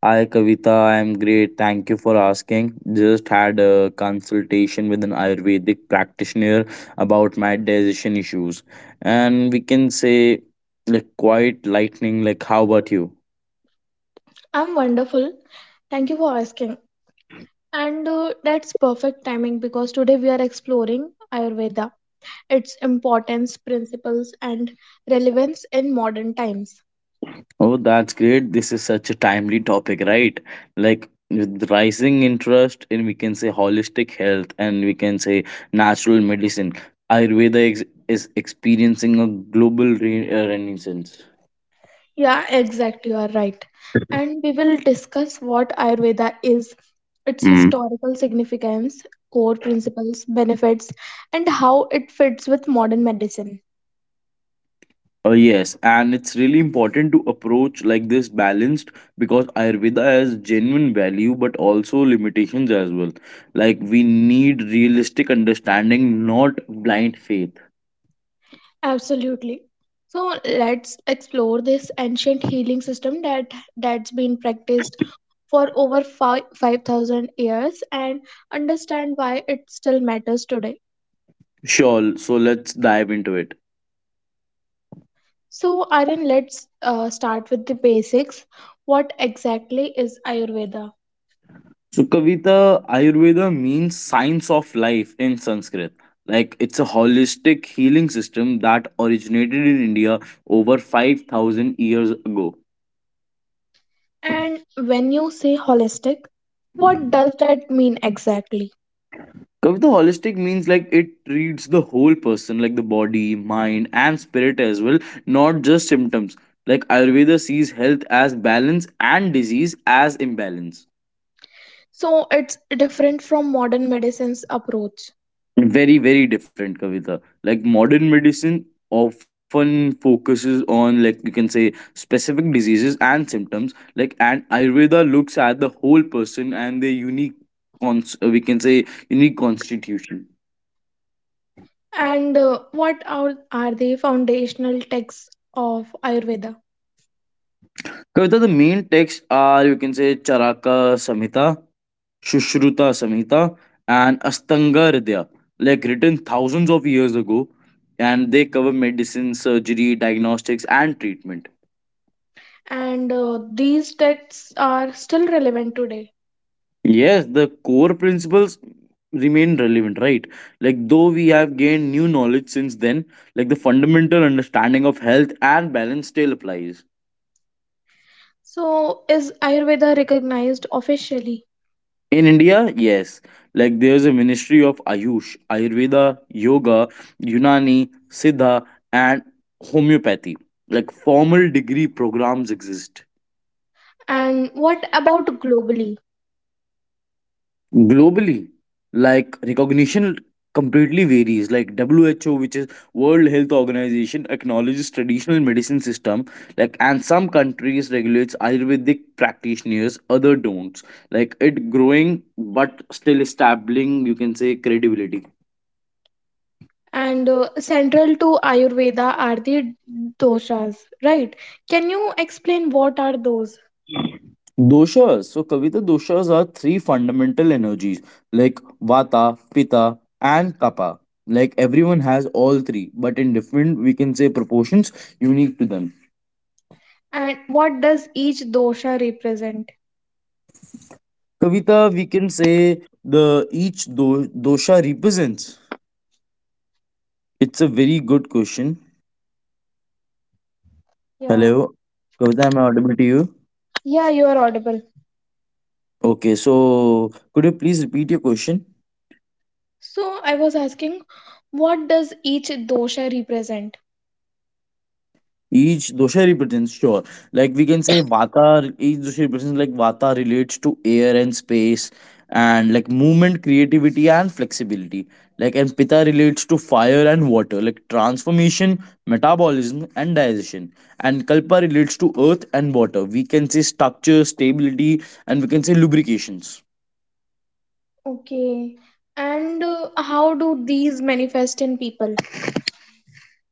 Hi Kavita, I am great. Thank you for asking. Just had a consultation with an Ayurvedic practitioner about my digestion issues. And we can say like quite lightning, like how about you? I'm wonderful. Thank you for asking. And that's perfect timing because today we are exploring Ayurveda, its importance, principles, and relevance in modern times. Oh, that's great. This is such a timely topic, right? Like with rising interest in we can say holistic health and we can say natural medicine. Ayurveda is experiencing a global renaissance. Yeah, exactly. You are right. And we will discuss what Ayurveda is, its historical significance, core principles, benefits, and how it fits with modern medicine. Yes, and it's really important to approach like this balanced because Ayurveda has genuine value but also limitations as well. Like we need realistic understanding, not blind faith. Absolutely. So let's explore this ancient healing system that's been practiced for over 5000 years and understand why it still matters today. Sure, so let's dive into it. So Aryan, let's start with the basics. What exactly is Ayurveda? So, Kavita, Ayurveda means science of life in Sanskrit. Like it's a holistic healing system that originated in India over 5,000 years ago. And when you say holistic, what does that mean exactly? Kavita, holistic means like it treats the whole person, like the body, mind, and spirit as well, not just symptoms. Like Ayurveda sees health as balance and disease as imbalance. So it's different from modern medicine's approach. Very, very different, Kavita. Like modern medicine often focuses on, like you can say, specific diseases and symptoms. Like, and Ayurveda looks at the whole person and their unique, cons- we can say, unique constitution. And what are the foundational texts of Ayurveda? Kavita, the main texts are you can say Charaka Samhita, Sushruta Samhita, and Astanga Hridaya, like written thousands of years ago, and they cover medicine, surgery, diagnostics, and treatment. And these texts are still relevant today. Yes, the core principles remain relevant, right? Like, though we have gained new knowledge since then, like the fundamental understanding of health and balance still applies. So, is Ayurveda recognized officially? In India, yes. Like there's a ministry of Ayush, Ayurveda, Yoga, Unani, Siddha, and homeopathy. Like formal degree programs exist. And what about globally? Globally, like recognition completely varies. Like WHO, which is World Health Organization, acknowledges traditional medicine system, like and some countries regulates Ayurvedic practitioners, other don't. Like it growing but still establishing, you can say, credibility. And central to Ayurveda are the doshas, right? Can you explain what are those Doshas. So, Kavita, doshas are three fundamental energies like Vata, Pitta, and Kapha. Like everyone has all three, but in different, we can say, proportions unique to them. and what does each dosha represent? Kavita, we can say the each dosha represents. It's a very good question. Yeah, Hello, Kavita, am I audible to you? yeah, you are audible. Okay, so could you please repeat your question? So, I was asking, what does each dosha represent? Each dosha represents, sure. Like we can say Vata, each dosha represents like Vata relates to air and space and like movement, creativity and flexibility. Like and Pitta relates to fire and water, like transformation, metabolism and digestion. And Kalpa relates to earth and water. We can say structure, stability and we can say lubrications. Okay. And how do these manifest in people?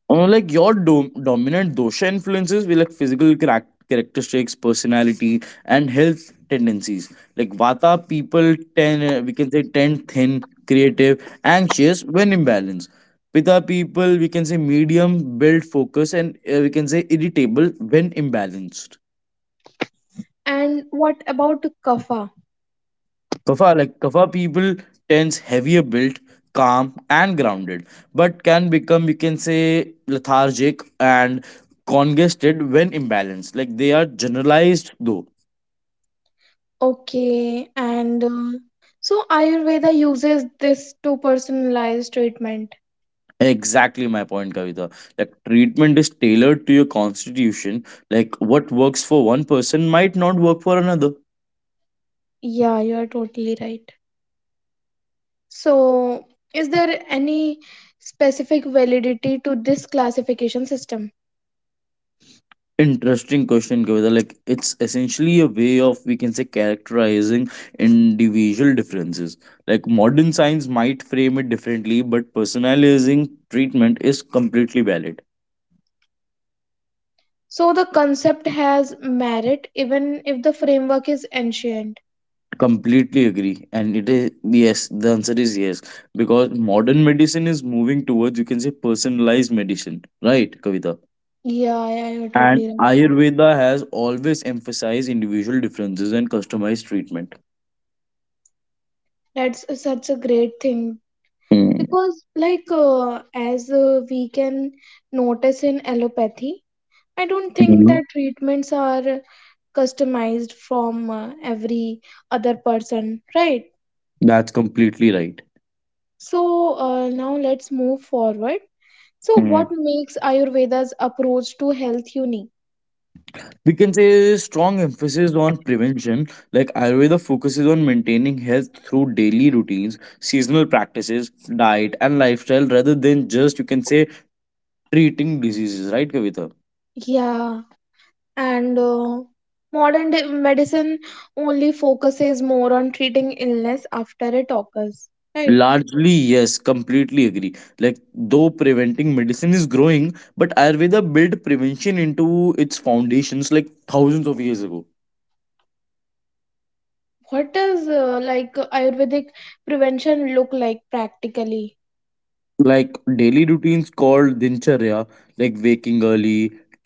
Like your dominant dosha influences will like physical characteristics, personality, and health tendencies. Like vata people tend we can say tend thin, creative, anxious when imbalanced. Pitta people we can say medium, build focus, and we can say irritable when imbalanced. And what about kapha? Kafa people tends heavier built, calm and grounded, but can become you can say lethargic and congested when imbalanced. Like they are generalized though. Okay. And so Ayurveda uses this to personalize treatment. Exactly my point, Kavita. Like treatment is tailored to your constitution. Like what works for one person might not work for another. Yeah, you are totally right. So, is there any specific validity to this classification system? Interesting question, Kavita. Like, it's essentially a way of, we can say, characterizing individual differences. Like, modern science might frame it differently, but personalizing treatment is completely valid. So, the concept has merit even if the framework is ancient. Completely agree. And it is, yes, the answer is yes. Because modern medicine is moving towards, you can say, personalized medicine. Right, Kavita? Yeah, yeah, you're totally And right. Ayurveda has always emphasized individual differences and customized treatment. That's such a great thing Mm-hmm. because as we can notice in allopathy, I don't think that treatments are customized from every other person, right? That's completely So now let's move forward. So right. what makes Ayurveda's approach to health unique? We can say strong emphasis on prevention. Like Ayurveda focuses on maintaining health through daily routines, seasonal practices, diet and lifestyle rather than just you can say treating diseases, right, Kavita? Yeah, and modern day medicine only focuses more on treating illness after it occurs, right? Largely yes, completely agree. Like, though preventing medicine is growing, but Ayurveda built prevention into its foundations like thousands of years ago. What does Ayurvedic prevention look like practically? Like daily routines called dincharya, like waking early,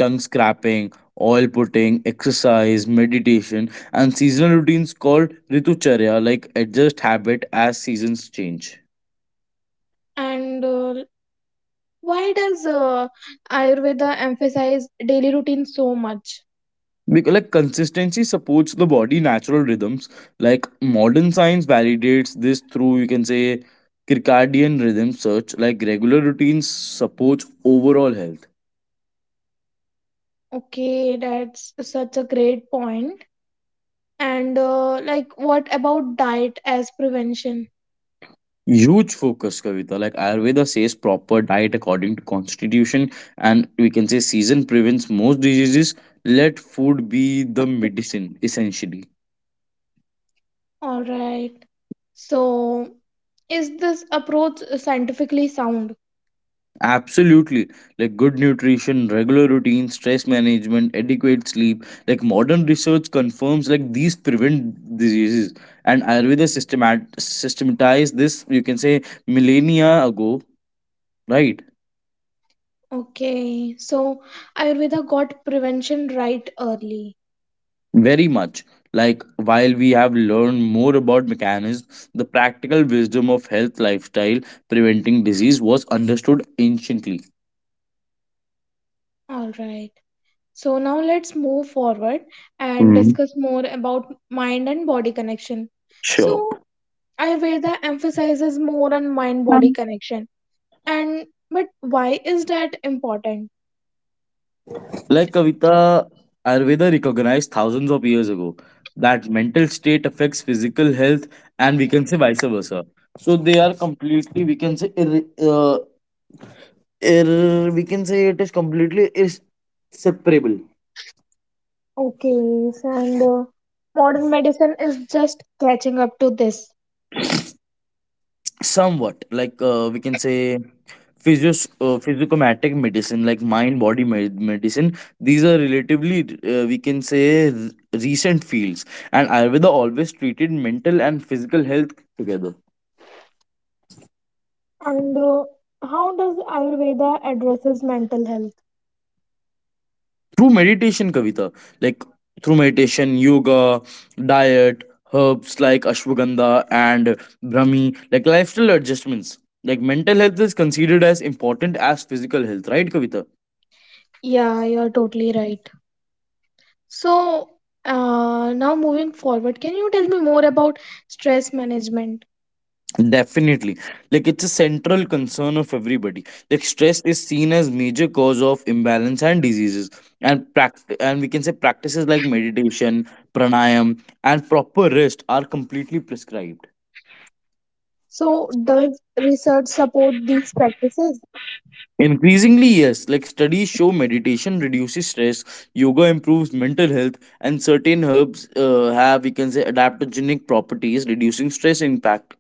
tongue scrapping, oil putting, exercise, meditation, and seasonal routines called ritucharya, like adjust habit as seasons change. And why does Ayurveda emphasize daily routine so much? Because like consistency supports the body natural rhythms. Like modern science validates this through you can say circadian rhythm search. Like regular routines supports overall health. Okay, that's such a great point. And what about diet as prevention? Huge focus, Kavita. Like Ayurveda says proper diet according to constitution and we can say season prevents most diseases. Let food be the medicine essentially. All right. So, is this approach scientifically sound? Absolutely. Like good nutrition, regular routine, stress management, adequate sleep, like modern research confirms like these prevent diseases. And Ayurveda systematized this, you can say, millennia ago, right? Okay, so Ayurveda got prevention right early. Very much. Like, while we have learned more about mechanisms, the practical wisdom of health lifestyle preventing disease was understood anciently. All right. So now let's move forward and Mm, discuss more about mind and body connection. sure. So Ayurveda emphasizes more on mind body connection. And but why is that important? Like Kavita, Ayurveda recognized thousands of years ago that mental state affects physical health, and we can say vice versa. So they are completely, we can say, we can say it is completely is separable. Okay, so and modern medicine is just catching up to this. Somewhat like we can say physios physicomatic medicine, like mind body medicine, these are relatively we can say recent fields, and Ayurveda always treated mental and physical health together. And how does Ayurveda addresses mental health? Through meditation, Kavita. Like through meditation, yoga, diet, herbs like ashwagandha and brahmi, like lifestyle adjustments, like mental health is considered as important as physical health, right, Kavita? Yeah, you're totally right. So now moving forward, can you tell me more about stress management? Definitely. Like it's a central concern of everybody. Like stress is seen as major cause of imbalance and diseases. And and we can say practices like meditation, pranayam, and proper rest are completely prescribed. So, does research support these practices? Increasingly, yes, like studies show meditation reduces stress, yoga improves mental health, and certain herbs have, we can say, adaptogenic properties, reducing stress impact.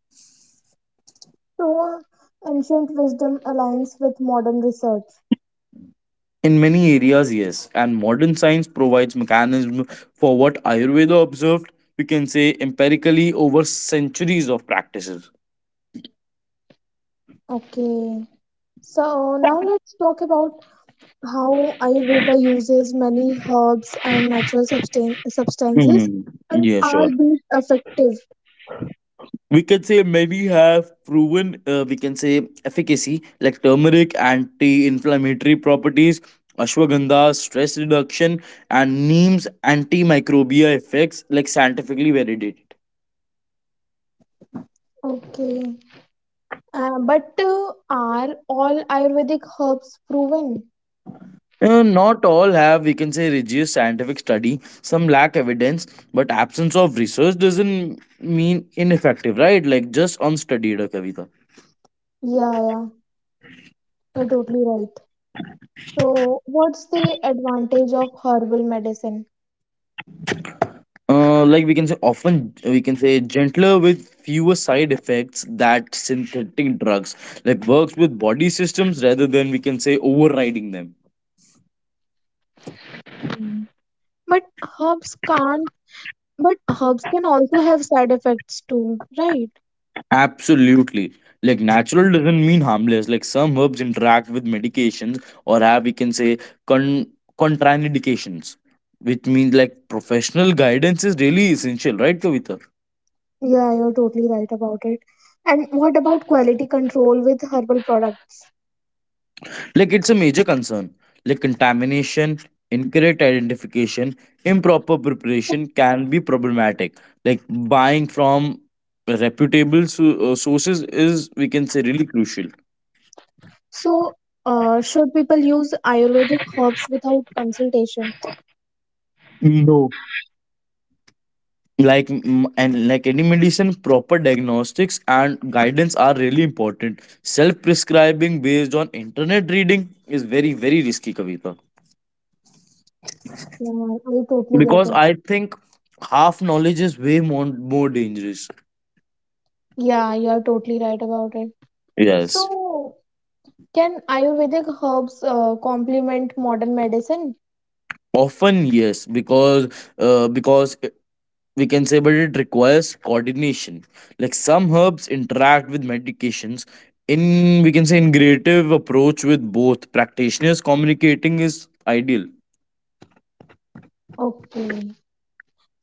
So, ancient wisdom aligns with modern research. In many areas, yes, and modern science provides mechanism for what Ayurveda observed, we can say empirically over centuries of practices. Okay. So, now let's talk about how Ayurveda uses many herbs and natural substances, Hmm. and Yeah, are sure. these effective? We can say many have proven, we can say efficacy like turmeric, anti-inflammatory properties, ashwagandha, stress reduction, and neem's antimicrobial effects like scientifically validated. Okay. But are all Ayurvedic herbs proven? Not all have, we can say, rigorous scientific study. Some lack evidence, but absence of research doesn't mean ineffective, right? Like just unstudied, Kavita. Yeah, yeah, you're totally right. So, what's the advantage of herbal medicine? Like we can say, often we can say gentler with fewer side effects that synthetic drugs like works with body systems rather than we can say overriding them. Hmm. But herbs can't, but herbs can also have side effects too, right? Absolutely. Like natural doesn't mean harmless. Like some herbs interact with medications or have we can say con- contraindications, which means like professional guidance is really essential, right, Kavita? Yeah, you're totally right about it. And what about quality control with herbal products? Like it's a major concern. Like contamination, incorrect identification, improper preparation can be problematic. Like buying from reputable sources is we can say really crucial. So should people use Ayurvedic herbs without consultation? No. Like and like any medicine proper diagnostics and guidance are really important. Self prescribing based on internet reading is very very risky, Kavita. Yeah, I totally get Because it. I think half knowledge is way more dangerous. Yeah, you are totally right about it. Yes. So, can Ayurvedic herbs complement modern medicine? Often yes, because uh, because it- we can say but it requires coordination. Like some herbs interact with medications in we can say in creative approach with both practitioners communicating is ideal. Okay.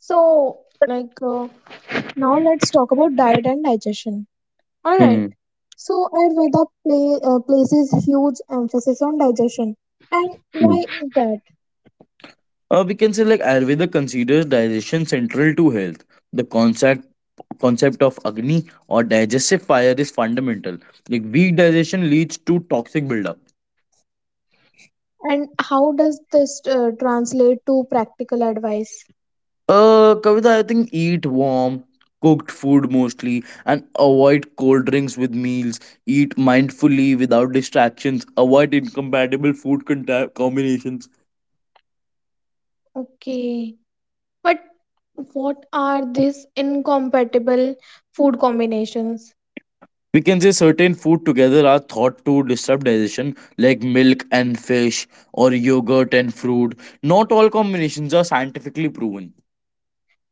So, like, uh, now let's talk about diet and digestion. All right. Hmm. So Ayurveda places huge emphasis on digestion. And why is that? We can say like Ayurveda considers digestion central to health. The concept of Agni or digestive fire is fundamental. Like weak digestion leads to toxic buildup. And how does this translate to practical advice? Kavita, I think eat warm, cooked food mostly, and avoid cold drinks with meals. Eat mindfully without distractions. Avoid incompatible food combinations. Okay. But what are these incompatible food combinations? We can say certain food together are thought to disrupt digestion, like milk and fish, or yogurt and fruit. Not all combinations are scientifically proven.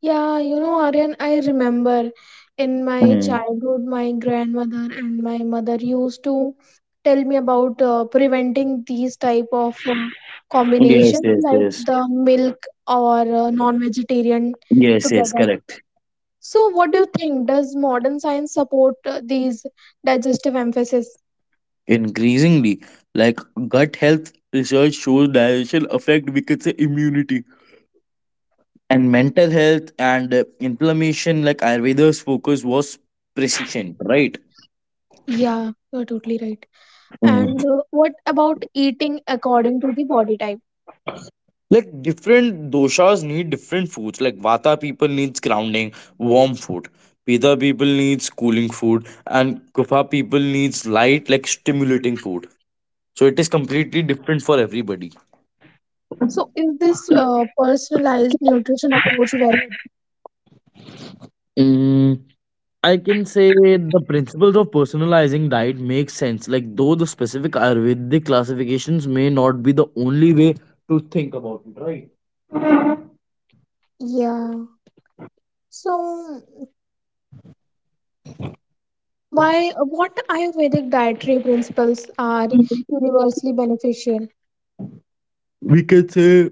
Yeah, you know, Aryan, I remember in my Hmm. childhood, my grandmother and my mother used to tell me about preventing these type of Yes, combinations yes, like yes. the milk or non-vegetarian Yes, yes, together. correct. So, what do you think? Does modern science support these digestive emphasis? Increasingly, like gut health research shows digestion affect we could say immunity and mental health and inflammation. Like Ayurveda's focus was precision, right? Yeah, you're totally right. And what about eating according to the body type? Like different doshas need different foods. Like vata people needs grounding warm food, pita people needs cooling food, and kapha people needs light like stimulating food. So it is completely different for everybody. So, is this personalized nutrition approach very Mm, I can say the principles of personalizing diet make sense. Like, though the specific Ayurvedic classifications may not be the only way to think about it, right? Yeah. So, why, what Ayurvedic dietary principles are universally beneficial? We can say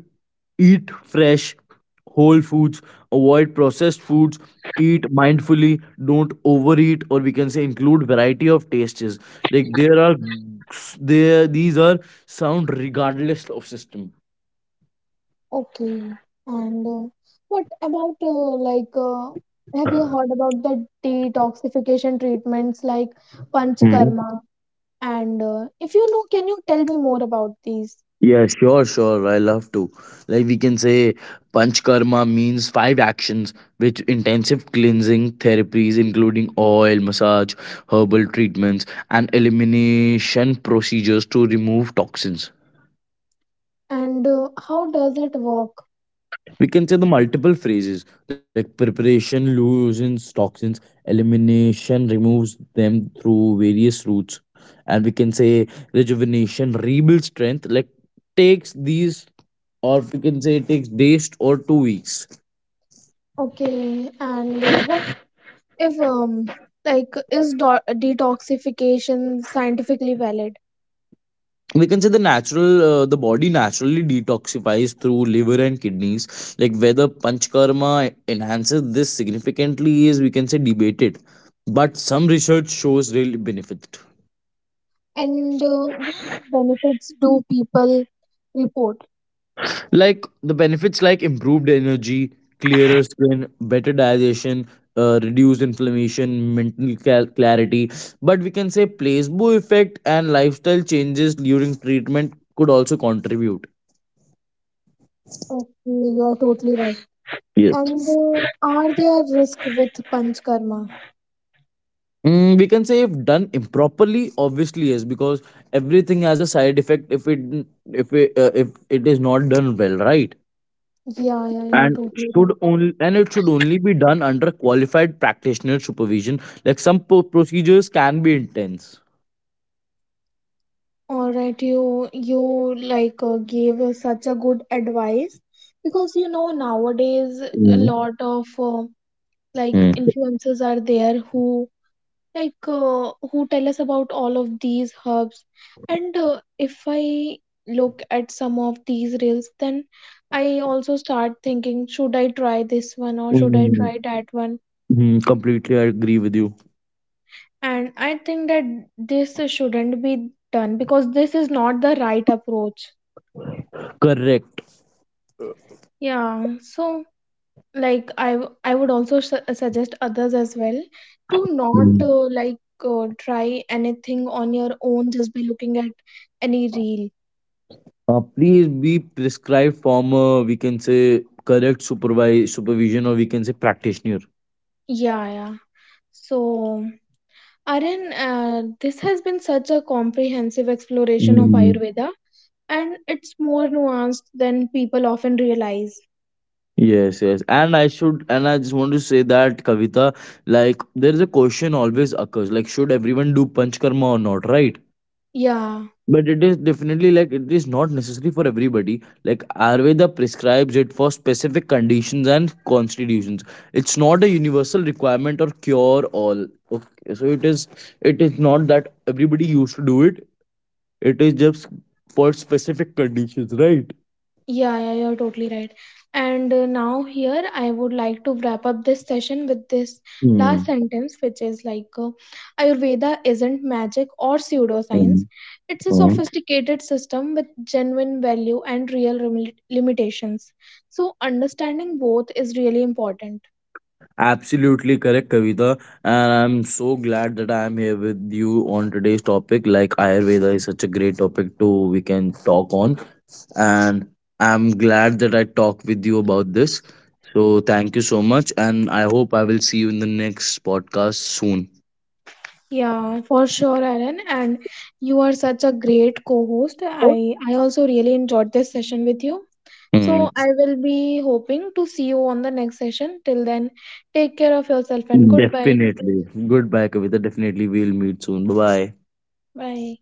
eat fresh whole foods, avoid processed foods, eat mindfully, don't overeat, or we can say include variety of tastes. Like there are there these are sound regardless of system. Okay. And uh, what about, uh, like, uh, have you heard about the detoxification treatments like Panchkarma? And if you know, can you tell me more about these? Yeah, sure, sure. I love to. Like we can say panchkarma means five actions which intensive cleansing therapies including oil, massage, herbal treatments and elimination procedures to remove toxins. And how does it work? We consider multiple phases like preparation loosens toxins, elimination removes them through various routes, and we can say rejuvenation rebuilds strength. Like takes these, or we can say it takes days or 2 weeks. Okay. And what if, like, is do- detoxification scientifically valid? We can say the body naturally detoxifies through liver and kidneys. Like whether panchkarma enhances this significantly is we can say debated, but some research shows real benefit. And what benefits do people report? Like the benefits like improved energy, clearer skin, better digestion, reduced inflammation, mental clarity, but we can say placebo effect and lifestyle changes during treatment could also contribute. Okay, you are totally right. And Yes. uh, are there risks with Panchkarma? Mm, we can say if done improperly, obviously yes, because everything has a side effect if it is not done well, right? Yeah, yeah, you're And totally should right. only and it should only be done under qualified practitioner supervision. Like some procedures can be intense. All right, you gave us such a good advice because you know nowadays a Mm. lot of Mm. influencers are there who like who tell us about all of these herbs, and if I look at some of these reels, then I also start thinking, should I try this one or should I Mm. try that one? Mm. Completely I agree with you. And I think that this shouldn't be done because this is not the right approach. Correct. Yeah. So like I would also suggest others as well to not Mm. Try anything on your own just by looking at any reel. Please be prescribed from we can say correct supervise supervision or we can say practitioner. Yeah, yeah. So, Aryan, this has been such a comprehensive exploration of Mm. Ayurveda, and it's more nuanced than people often realize. Yes, yes. And I just want to say that Kavita, like there is a question always occurs, like should everyone do panch karma or not, right? Yeah. But it is definitely like it is not necessary for everybody. Like Ayurveda prescribes it for specific conditions and constitutions. It's not a universal requirement or cure all. Okay, so it is not that everybody used to do it. It is just for specific conditions, right? Yeah, yeah, you're totally right. And now, here, I would like to wrap up this session with this Hmm. last sentence, which is Ayurveda isn't magic or Hmm. pseudoscience. It's a Hmm. sophisticated system with genuine value and real limitations. So, understanding both is really important. Absolutely correct, Kavita. And I'm so glad that I am here with you on today's topic. Like Ayurveda is such a great topic to we can talk on. And I'm glad that I talked with you about this. So thank you so much, and I hope I will see you in the next podcast soon. Yeah, for sure, Aaron. And you are such a great co host. I also really enjoyed this session with you. So Mm, I will be hoping to see you on the next session. Till then, take care of yourself and goodbye. definitely. Goodbye, Kavita. Definitely, we'll meet soon. Bye bye. Bye.